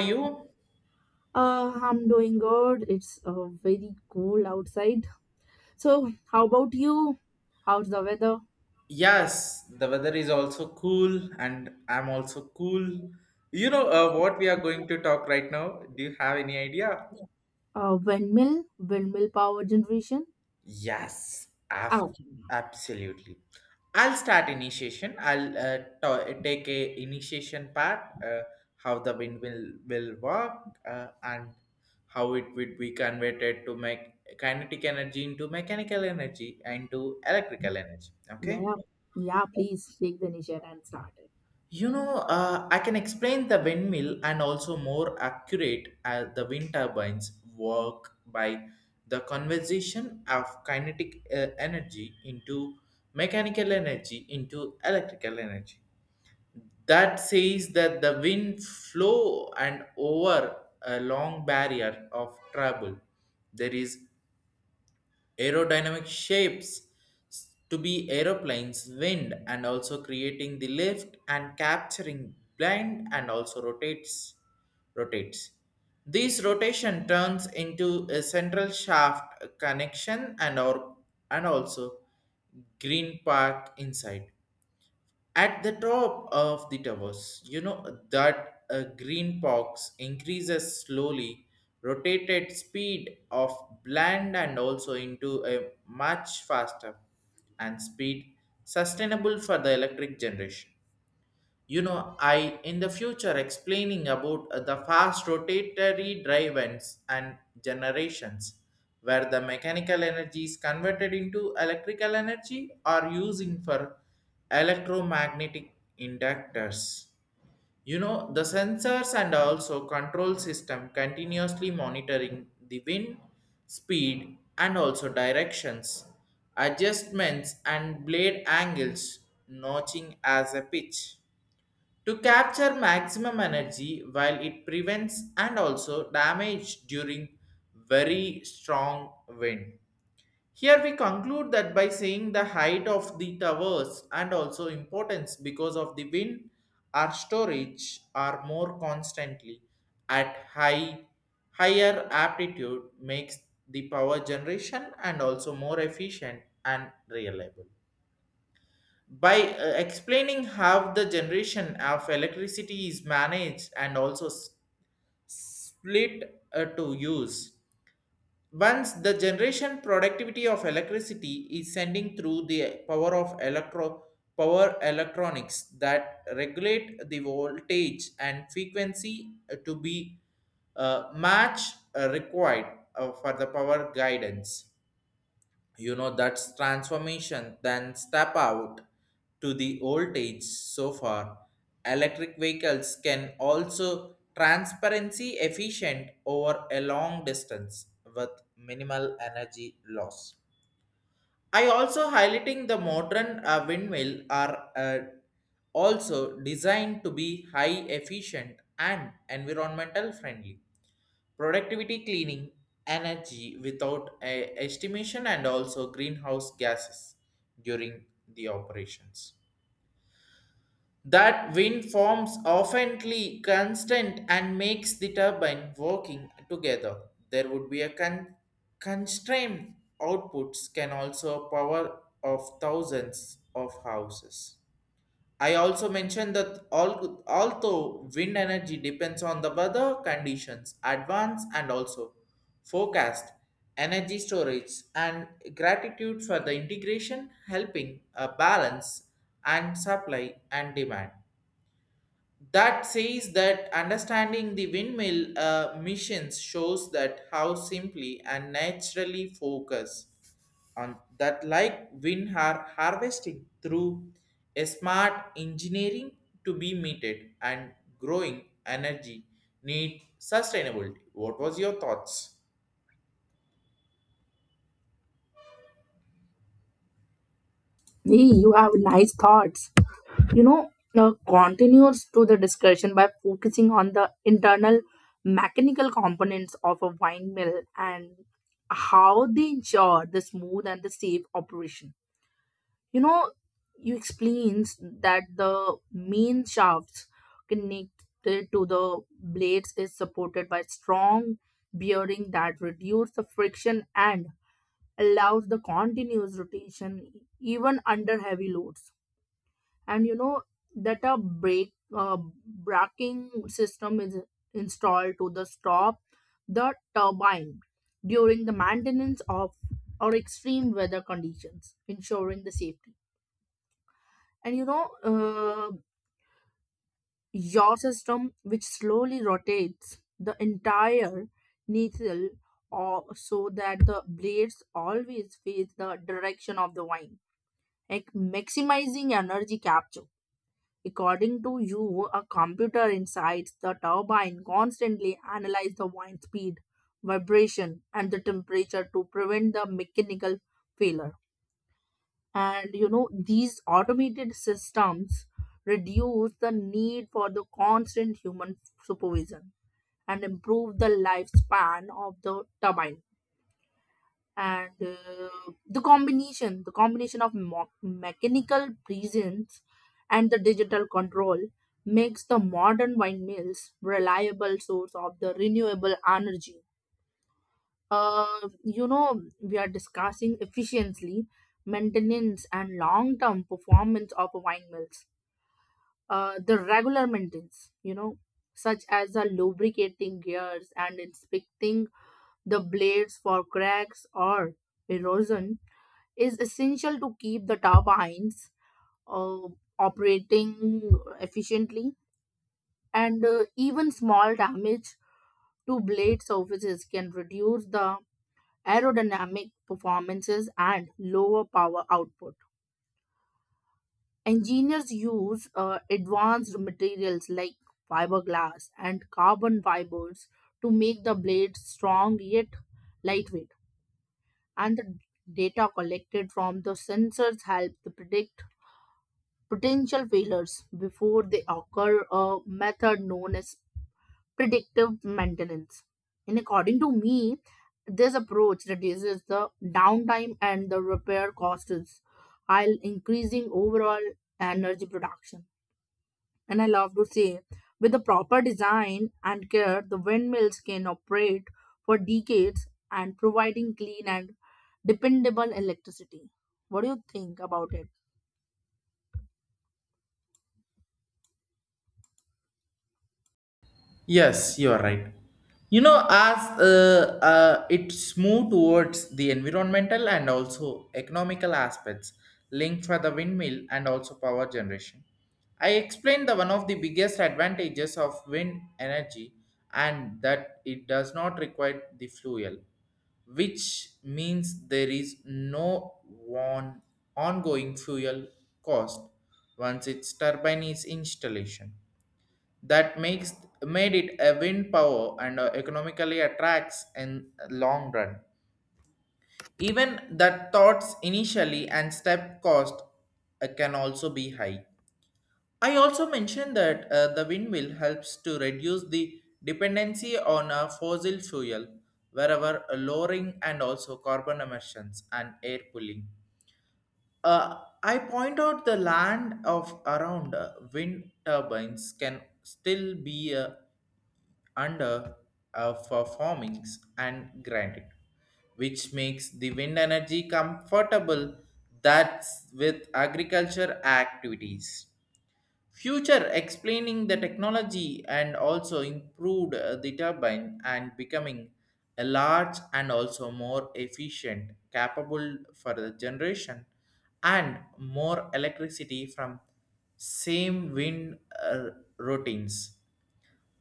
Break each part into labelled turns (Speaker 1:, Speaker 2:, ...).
Speaker 1: You?
Speaker 2: I'm doing good. It's very cool outside. So, how about you? How's the weather?
Speaker 1: Yes, the weather is also cool, and I'm also cool. You know what we are going to talk right now? Do you have any idea?
Speaker 2: Windmill power generation.
Speaker 1: Yes,
Speaker 2: Ah, okay.
Speaker 1: absolutely. I'll start initiation. I'll take a initiation part. How the wind will work and how it would be converted to make kinetic energy into mechanical energy and to electrical energy.
Speaker 2: Yeah,
Speaker 1: Okay.
Speaker 2: yeah, yeah. Please take the initiative and start it.
Speaker 1: You know, I can explain the windmill and also more accurate the wind turbines work by the conversion of kinetic energy into mechanical energy into electrical energy. That says that the wind flow and over a long barrier of trouble. There is aerodynamic shapes to be aeroplanes wind and also creating the lift and capturing blind and also rotates, rotates this rotation turns into a central shaft connection and or and also green park inside at the top of the towers, you know that a green box increases slowly, rotated speed of blend and also into a much faster and speed sustainable for the electric generation. You know I in the future explaining about the fast rotatory drives and generations where the mechanical energy is converted into electrical energy or using for electromagnetic inductors. You know the sensors and also control system continuously monitoring the wind speed and also directions, adjustments and blade angles, notching as a pitch to capture maximum energy while it prevents and also damage during very strong wind. Here we conclude that by saying the height of the towers and also importance because of the wind or storage are more constantly at higher aptitude makes the power generation and also more efficient and reliable by explaining how the generation of electricity is managed and also split to use. Once the generation productivity of electricity is sending through the power of electro power electronics that regulate the voltage and frequency to be match required for the power guidance. You know that's transformation then step out to the old age so far electric vehicles can also transparency efficient over a long distance with minimal energy loss. I also highlighting the modern windmill are also designed to be high efficient and environmental friendly productivity cleaning energy without a estimation and also greenhouse gases during the operations that wind forms oftenly constant and makes the turbine working together. There would be a constrained outputs can also power of thousands of houses. I also mentioned that all, although wind energy depends on the weather conditions, advance and also forecast, energy storage and gratitude for the integration helping a balance and supply and demand. That says that understanding the windmill missions shows that how simply and naturally focus on that like wind are harvesting through a smart engineering to be meted and growing energy need sustainability. What was your thoughts?
Speaker 2: Hey, you have nice thoughts. You know, continues to the discussion by focusing on the internal mechanical components of a windmill and how they ensure the smooth and the safe operation. You know you explains that the main shafts connected to the blades is supported by strong bearing that reduce the friction and allows the continuous rotation even under heavy loads. And you know that a brake braking system is installed to the stop the turbine during the maintenance of or extreme weather conditions ensuring the safety. And you know, your system which slowly rotates the entire needle or so that the blades always face the direction of the wine, like maximizing energy capture. According to you, a computer inside the turbine constantly analyzes the wine speed, vibration and the temperature to prevent the mechanical failure. And you know these automated systems reduce the need for the constant human supervision and improve the lifespan of the turbine. And the combination of mechanical presence and the digital control makes the modern windmills reliable source of the renewable energy. You know, we are discussing efficiency, maintenance, and long term performance of wine mills. The regular maintenance, you know, such as the lubricating gears and inspecting the blades for cracks or erosion, is essential to keep the turbines uh, operating efficiently. And even small damage to blade surfaces can reduce the aerodynamic performances, and lower power output. Engineers use advanced materials like fiberglass and carbon fibers to make the blades strong yet lightweight, and the data collected from the sensors help to predict potential failures before they occur, a method known as predictive maintenance. And according to me, this approach reduces the downtime and the repair costs while increasing overall energy production. And I love to say, with the proper design and care, the windmills can operate for decades and providing clean and dependable electricity. What do you think about it?
Speaker 1: Yes, you are right. You know, as it's moved towards the environmental and also economical aspects linked for the windmill and also power generation. I explained the one of the biggest advantages of wind energy and that it does not require the fuel, which means there is no on, ongoing fuel cost once its turbine is installation that makes made it a wind power and economically attracts in long run even the thoughts initially and step cost can also be high. I also mentioned that the windmill helps to reduce the dependency on fossil fuel wherever lowering and also carbon emissions and air pulling. I point out the land of around wind turbines can still be a. under performings and granted, which makes the wind energy comfortable that's with agriculture activities. Future explaining the technology and also improved the turbine and becoming a large and also more efficient, capable for the generation and more electricity from same wind routines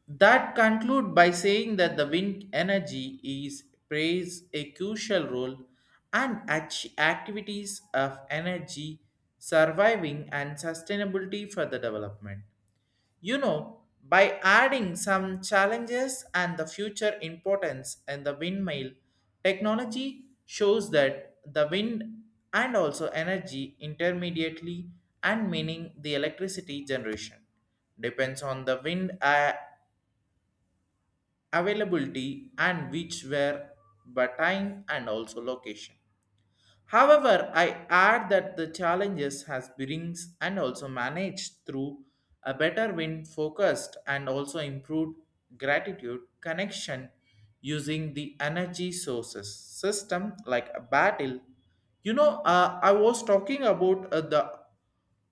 Speaker 1: that conclude by saying that the wind energy is plays a crucial role and activities of energy surviving and sustainability for the development. You know, by adding some challenges and the future importance and the windmill technology shows that the wind and also energy intermediately and meaning the electricity generation depends on the wind availability and which were by time and also location. However, I add that the challenges has brings and also managed through a better win focused and also improved gratitude connection using the energy sources system like a battle. You know, I was talking about the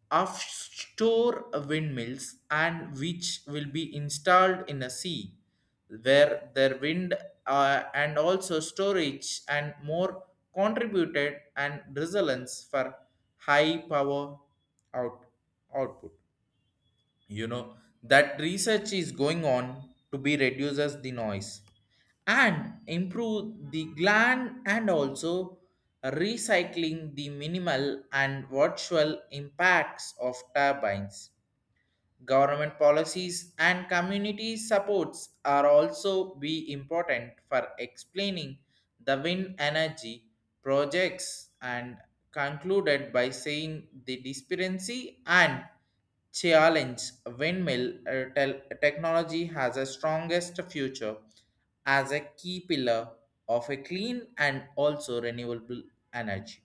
Speaker 1: offshore windmills and which will be installed in a sea where their wind and also storage and more contributed and resilience for high power out output. You know that research is going on to be reduces the noise and improve the gland and also recycling the minimal and virtual impacts of turbines. Government policies and community supports are also be important for explaining the wind energy projects and concluded by saying the disparity and challenge windmill technology has a strongest future as a key pillar of a clean and also renewable energy.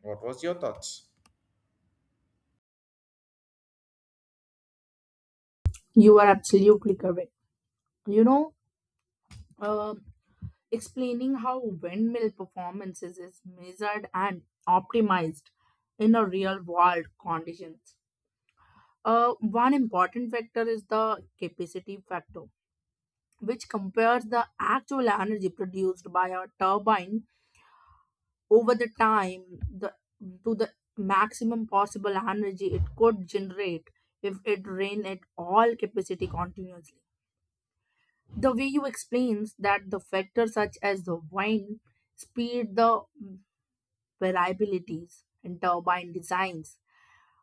Speaker 1: What was your thoughts?
Speaker 2: You are absolutely correct. You know, uh, explaining how windmill performances is measured and optimized in a real world conditions. One important factor is the capacity factor, which compares the actual energy produced by a turbine over the time the, to the maximum possible energy it could generate if it ran at all capacity continuously. The way you explains that the factors such as the wind, speed, the variabilities, in turbine designs,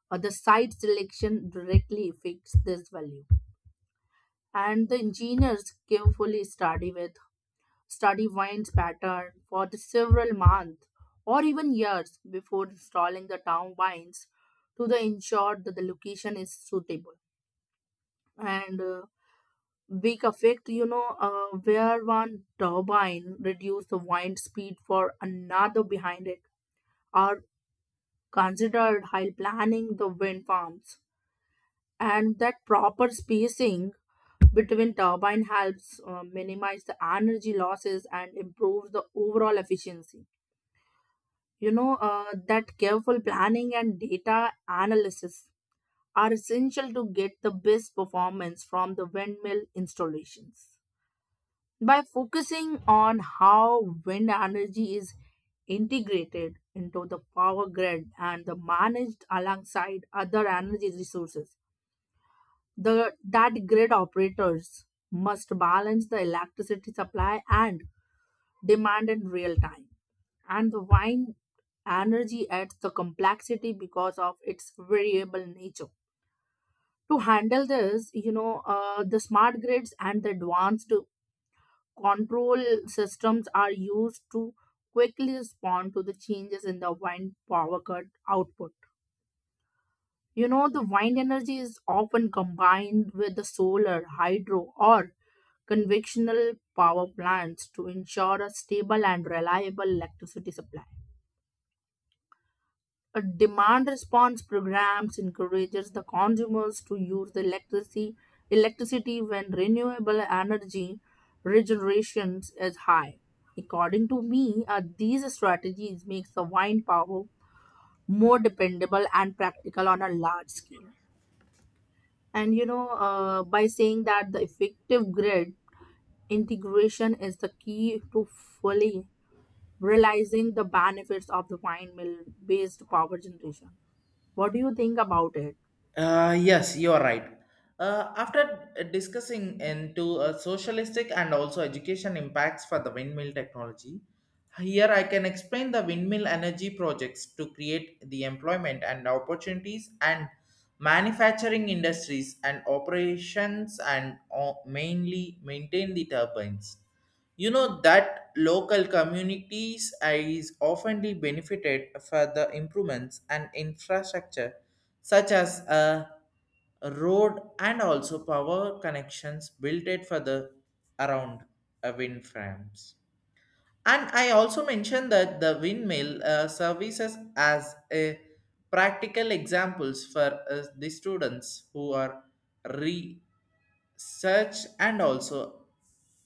Speaker 2: or the site selection directly affects this value. And the engineers carefully study wind pattern for the several months or even years before installing the turbines to the ensure that the location is suitable. And big effect, you know, where one turbine reduce the wind speed for another behind it, or considered while planning the wind farms. And that proper spacing between turbine helps minimize the energy losses and improves the overall efficiency. You know, that careful planning and data analysis are essential to get the best performance from the windmill installations. By focusing on how wind energy is integrated into the power grid and the managed alongside other energy resources, the that grid operators must balance the electricity supply and demand in real time. And the wind energy adds the complexity because of its variable nature. To handle this, you know, the smart grids and the advanced control systems are used to quickly respond to the changes in the wind power cut output. You know, the wind energy is often combined with the solar, hydro, or conventional power plants to ensure a stable and reliable electricity supply. A demand response programs encourages the consumers to use the electricity when renewable energy regeneration is high. According to me, these strategies makes the wind power more dependable and practical on a large scale. And you know, by saying that the effective grid integration is the key to fully realizing the benefits of the windmill based power generation. What do you think about it?
Speaker 1: Yes, you are right. After discussing into socialistic and also education impacts for the windmill technology, here I can explain the windmill energy projects to create the employment and opportunities and manufacturing industries and operations and mainly maintain the turbines. You know that local communities is often the benefited for the improvements and infrastructure such as a road and also power connections built it for the around wind farms. And I also mentioned that the windmill services as a practical examples for the students who are research and also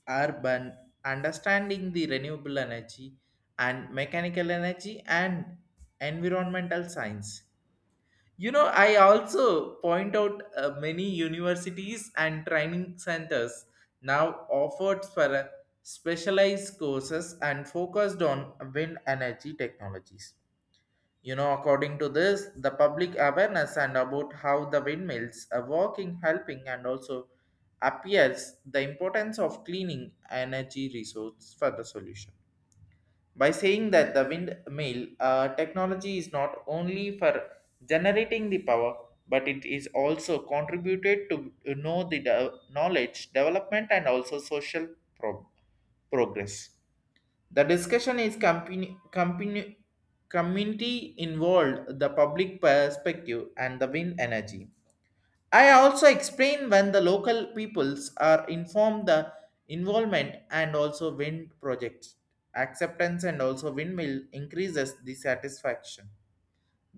Speaker 1: urban understanding the renewable energy and mechanical energy and environmental science. You know, I also point out many universities and training centers now offered for specialized courses and focused on wind energy technologies. You know, according to this, the public awareness and about how the windmills are working, helping, and also appears the importance of cleaning energy resource for the solution by saying that the windmill technology is not only for generating the power but it is also contributed to know the knowledge development and also social pro- progress. The discussion is company, community involved the public perspective and the wind energy. I also explain when the local peoples are informed the involvement and also wind projects. Acceptance and also windmill increases the satisfaction.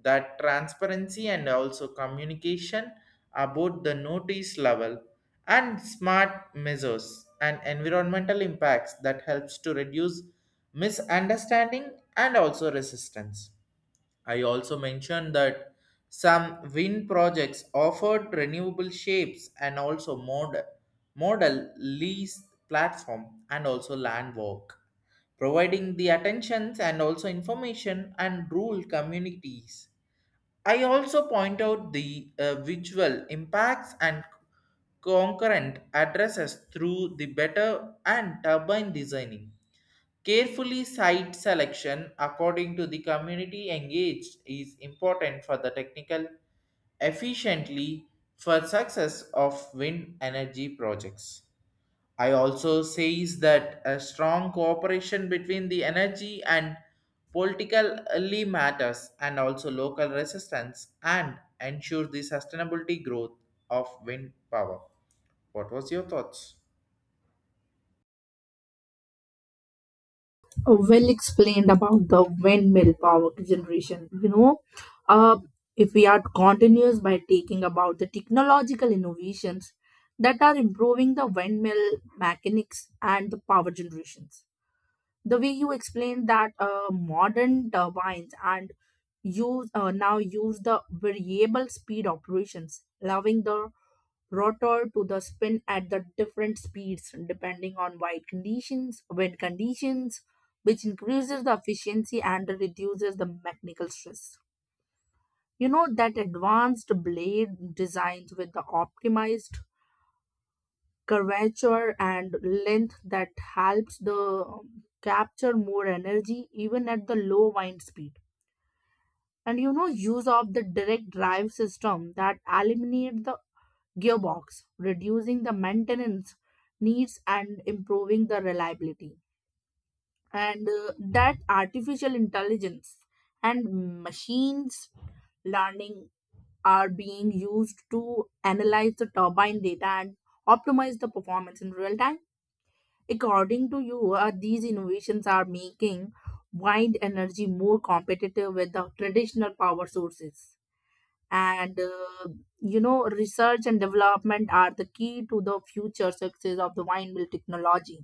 Speaker 1: That transparency and also communication about the notice level and smart measures and environmental impacts that helps to reduce misunderstanding and also resistance. I also mentioned that some wind projects offered renewable shapes and also model lease platform and also land work, providing the attentions and also information and rural communities. I also point out the visual impacts and concurrent addresses through the better and turbine designing. Carefully site selection according to the community engaged is important for the technical efficiently for success of wind energy projects. I also says that a strong cooperation between the energy and politically matters and also local resistance and ensure the sustainability growth of wind power. What was your thoughts?
Speaker 2: Well explained about the windmill power generation. You know, uh, if we are continuous by taking about the technological innovations that are improving the windmill mechanics and the power generations. The way you explained that modern turbines and use the variable speed operations, allowing the rotor to the spin at the different speeds depending on wind conditions, which increases the efficiency and reduces the mechanical stress. You know that advanced blade designs with the optimized curvature and length that helps the capture more energy even at the low wind speed. And you know use of the direct drive system that eliminate the gearbox, reducing the maintenance needs and improving the reliability. And that artificial intelligence and machines learning are being used to analyze the turbine data and optimize the performance in real time. According to you, these innovations are making wind energy more competitive with the traditional power sources. And you know research and development are the key to the future success of the windmill technology.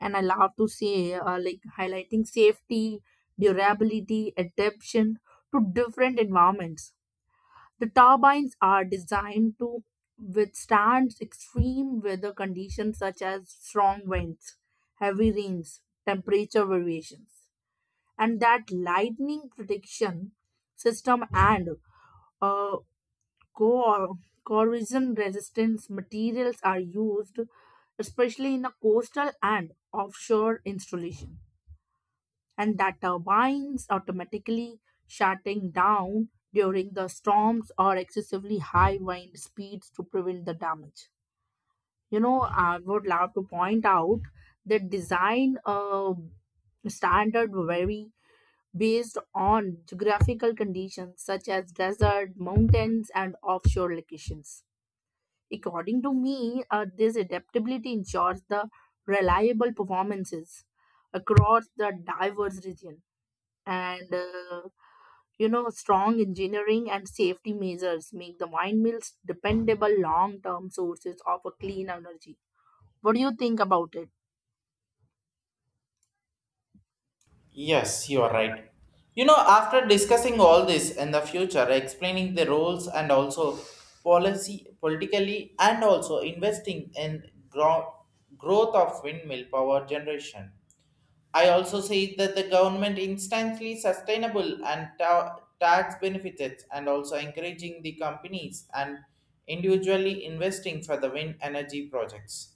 Speaker 2: And I love to say like highlighting safety, durability, adaptation to different environments. The turbines are designed to withstand extreme weather conditions such as strong winds, heavy rains, temperature variations. And that lightning protection system and uh, co- corrosion resistant materials are used, especially in a coastal and offshore installation. And that turbines automatically shutting down during the storms or excessively high wind speeds to prevent the damage. You know, I would love to point out that design standard vary based on geographical conditions such as desert, mountains and offshore locations. According to me, this adaptability ensures the reliable performances across the diverse region. And, you know, strong engineering and safety measures make the windmills dependable long term sources of a clean energy. What do you think about it?
Speaker 1: Yes, you are right. You know, after discussing all this in the future, explaining the roles and also policy, politically, and also investing in growth of windmill power generation, I also say that the government instantly sustainable and tax benefits and also encouraging the companies and individually investing for the wind energy projects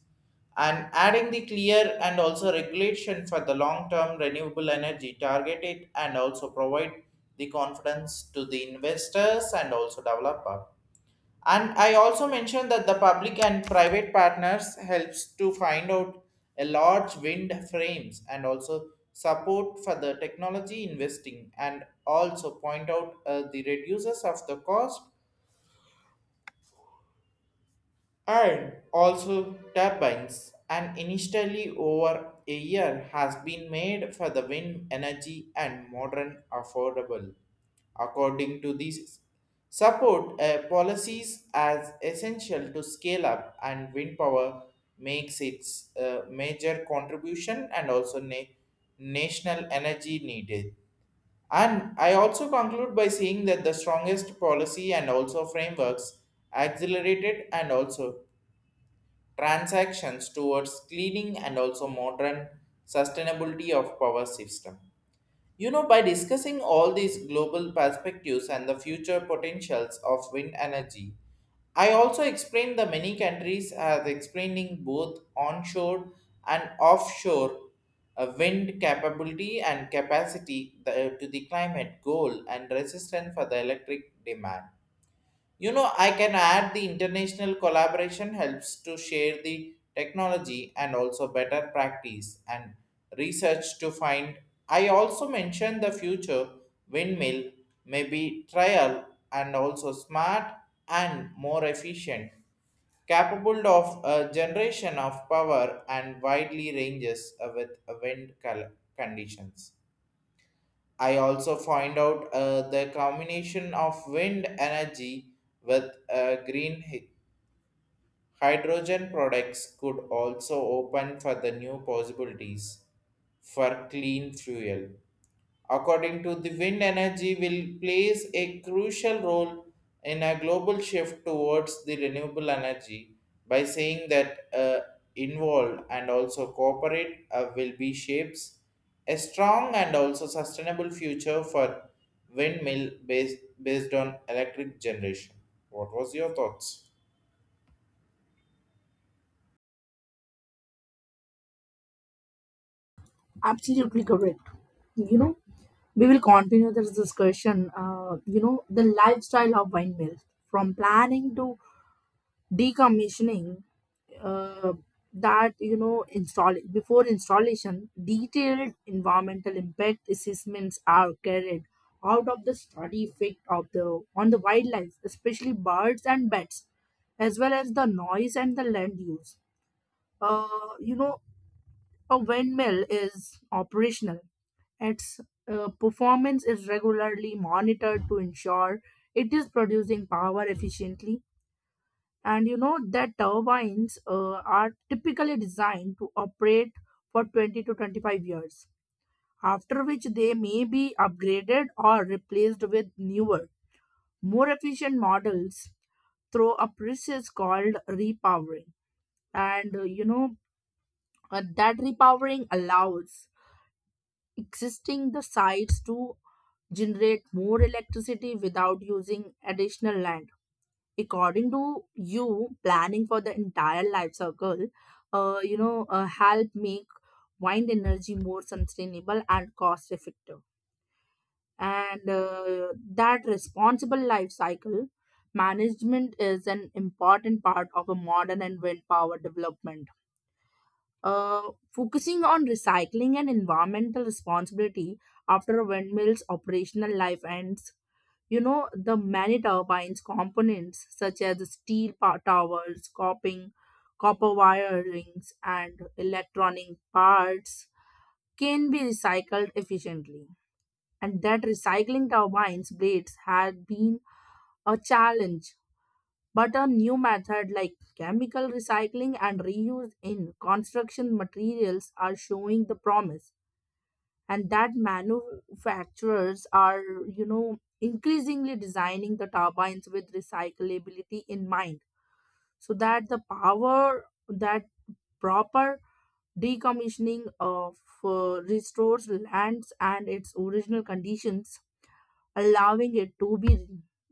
Speaker 1: and adding the clear and also regulation for the long term renewable energy targeted and also provide the confidence to the investors and also developer. And I also mentioned that the public and private partners helps to find out a large wind frames and also support for the technology investing and also point out the reduces of the cost and also turbines and initially over a year has been made for the wind energy and modern affordable. According to these support policies as essential to scale up and wind power makes its major contribution and also national energy needed. And I also conclude by saying that the strongest policy and also frameworks accelerated and also transactions towards cleaning and also modern sustainability of power system. You know, by discussing all these global perspectives and the future potentials of wind energy, I also explained the many countries as explaining both onshore and offshore wind capability and capacity to the climate goal and resistance for the electric demand. You know, I can add the international collaboration helps to share the technology and also better practice and research to find. I also mentioned the future windmill may be trial and also smart and more efficient, capable of a generation of power and widely ranges with wind conditions. I also find out the combination of wind energy with green hydrogen products could also open for the new possibilities for clean fuel. According to the wind energy will plays a crucial role in a global shift towards the renewable energy by saying that involved and also cooperate will be shapes a strong and also sustainable future for windmill based on electric generation. What was your thoughts?
Speaker 2: Absolutely correct. You know, we will continue this discussion. You know, the lifestyle of windmills from planning to decommissioning. uh, that you know install before installation, detailed environmental impact assessments are carried out of the study effect of the on the wildlife, especially birds and bats, as well as the noise and the land use. You know, a windmill is operational. Its performance is regularly monitored to ensure it is producing power efficiently. And you know that turbines are typically designed to operate for 20 to 25 years, after which they may be upgraded or replaced with newer more efficient models through a process called repowering. And you know, that repowering allows existing the sites to generate more electricity without using additional land. According to you, planning for the entire life circle, you know, help make wind energy more sustainable and cost effective. And that responsible life cycle management is an important part of a modern and wind power development. Focusing on recycling and environmental responsibility after a windmill's operational life ends. You know, the many turbines components such as towers, coping, copper wirings, and electronic parts can be recycled efficiently. And that recycling turbines blades had been a challenge, but a new method like chemical recycling and reuse in construction materials are showing the promise. And that manufacturers are, you know, increasingly designing the turbines with recyclability in mind, so that the power that proper decommissioning of uh, restores lands and its original conditions, allowing it to be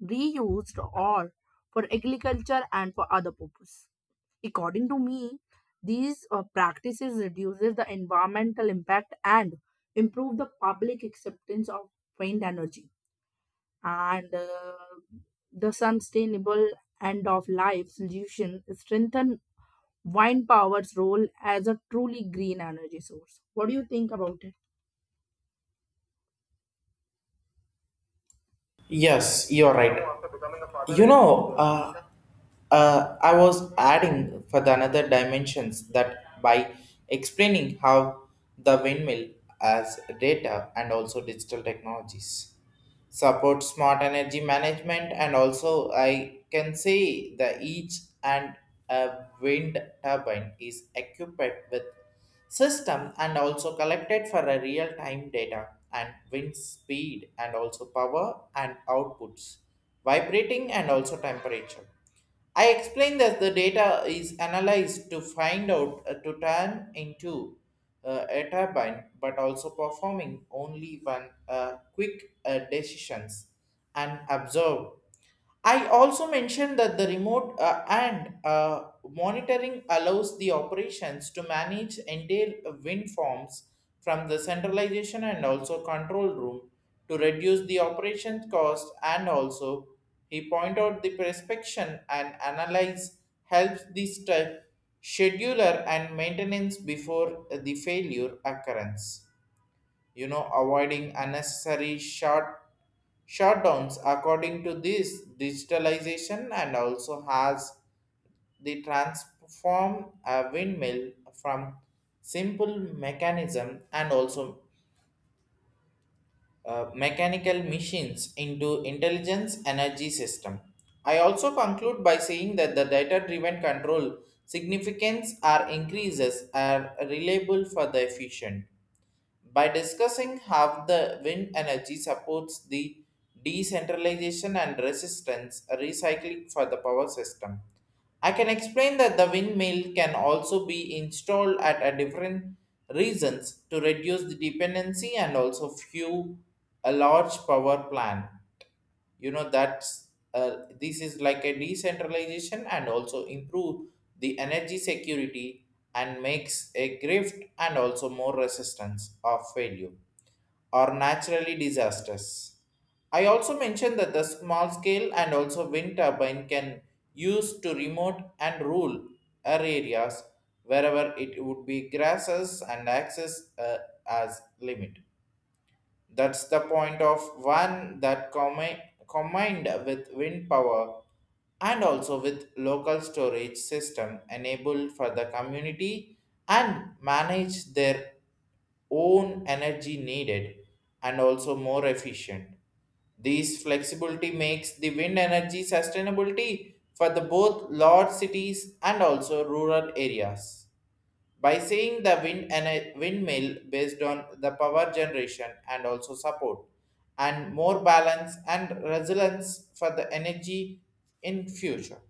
Speaker 2: reused or for agriculture and for other purpose. According to me, these practices reduces the environmental impact and improve the public acceptance of wind energy. And the sustainable end of life solution strengthen wind power's role as a truly green energy source. What do you think about it?
Speaker 1: Yes, you're right. You know, I was adding for the another dimensions that by explaining how the windmill as data and also digital technologies support smart energy management and also I can say the each and a wind turbine is equipped with system and also collected for a real time data and wind speed and also power and outputs, vibrating and also temperature. I explained that the data is analyzed to find out to turn into a turbine, but also performing only one quick decisions and observe. I also mentioned that the remote and monitoring allows the operations to manage entire wind farms from the centralization and also control room to reduce the operation cost and also he point out the prescription and analyze helps the scheduler and maintenance before the failure occurrence. You know avoiding unnecessary short shutdowns according to this digitalization and also has the transform a windmill from simple mechanism and also mechanical machines into intelligence energy system. I also conclude by saying that the data driven control significance are increases are reliable for the efficient by discussing how the wind energy supports the decentralization and resistance recycling for the power system. I can explain that the windmill can also be installed at a different reasons to reduce the dependency and also fuel a large power plant. You know that's this is like a decentralization and also improve the energy security and makes a grift and also more resistance of failure or naturally disasters. I also mentioned that the small scale and also wind turbine can use to remote and rural areas wherever it would be grasses and access as limit. That's the point of one that combined with wind power and also with local storage system enabled for the community and manage their own energy needed and also more efficient. This flexibility makes the wind energy sustainability for the both large cities and also rural areas by saying the wind and a windmill based on the power generation and also support and more balance and resilience for the energy in future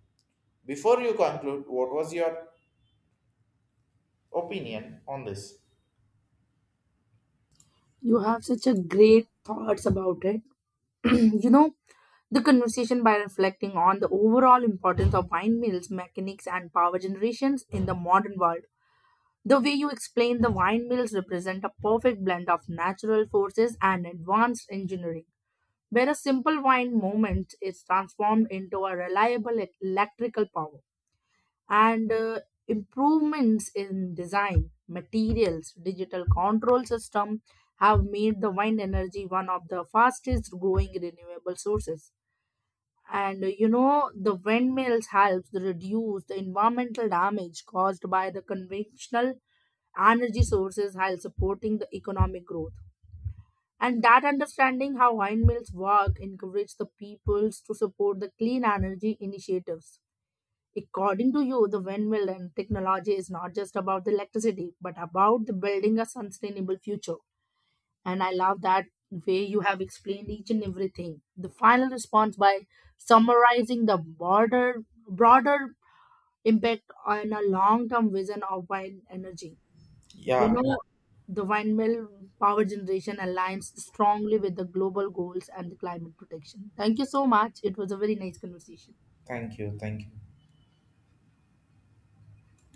Speaker 1: before you conclude what was your opinion on this?
Speaker 2: You have such a great thoughts about it. You know, the conversation by reflecting on the overall importance of windmills, mechanics, and power generations in the modern world. The way you explain the windmills mills represent a perfect blend of natural forces and advanced engineering, where a simple wind moment is transformed into a reliable electrical power. And improvements in design, materials, digital control system have made the wind energy one of the fastest growing renewable sources. And you know the windmills helps to reduce the environmental damage caused by the conventional energy sources while supporting the economic growth. And that understanding how windmills work encourage the peoples to support the clean energy initiatives. According to you, the windmill and technology is not just about the electricity but about the building a sustainable future. And I love that way you have explained each and everything. The final response by summarizing the broader impact on a long term vision of wind energy. You
Speaker 1: Yeah,
Speaker 2: know, the windmill power generation aligns strongly with the global goals and the climate protection. Thank you so much. It was a very nice conversation.
Speaker 1: thank you, thank you.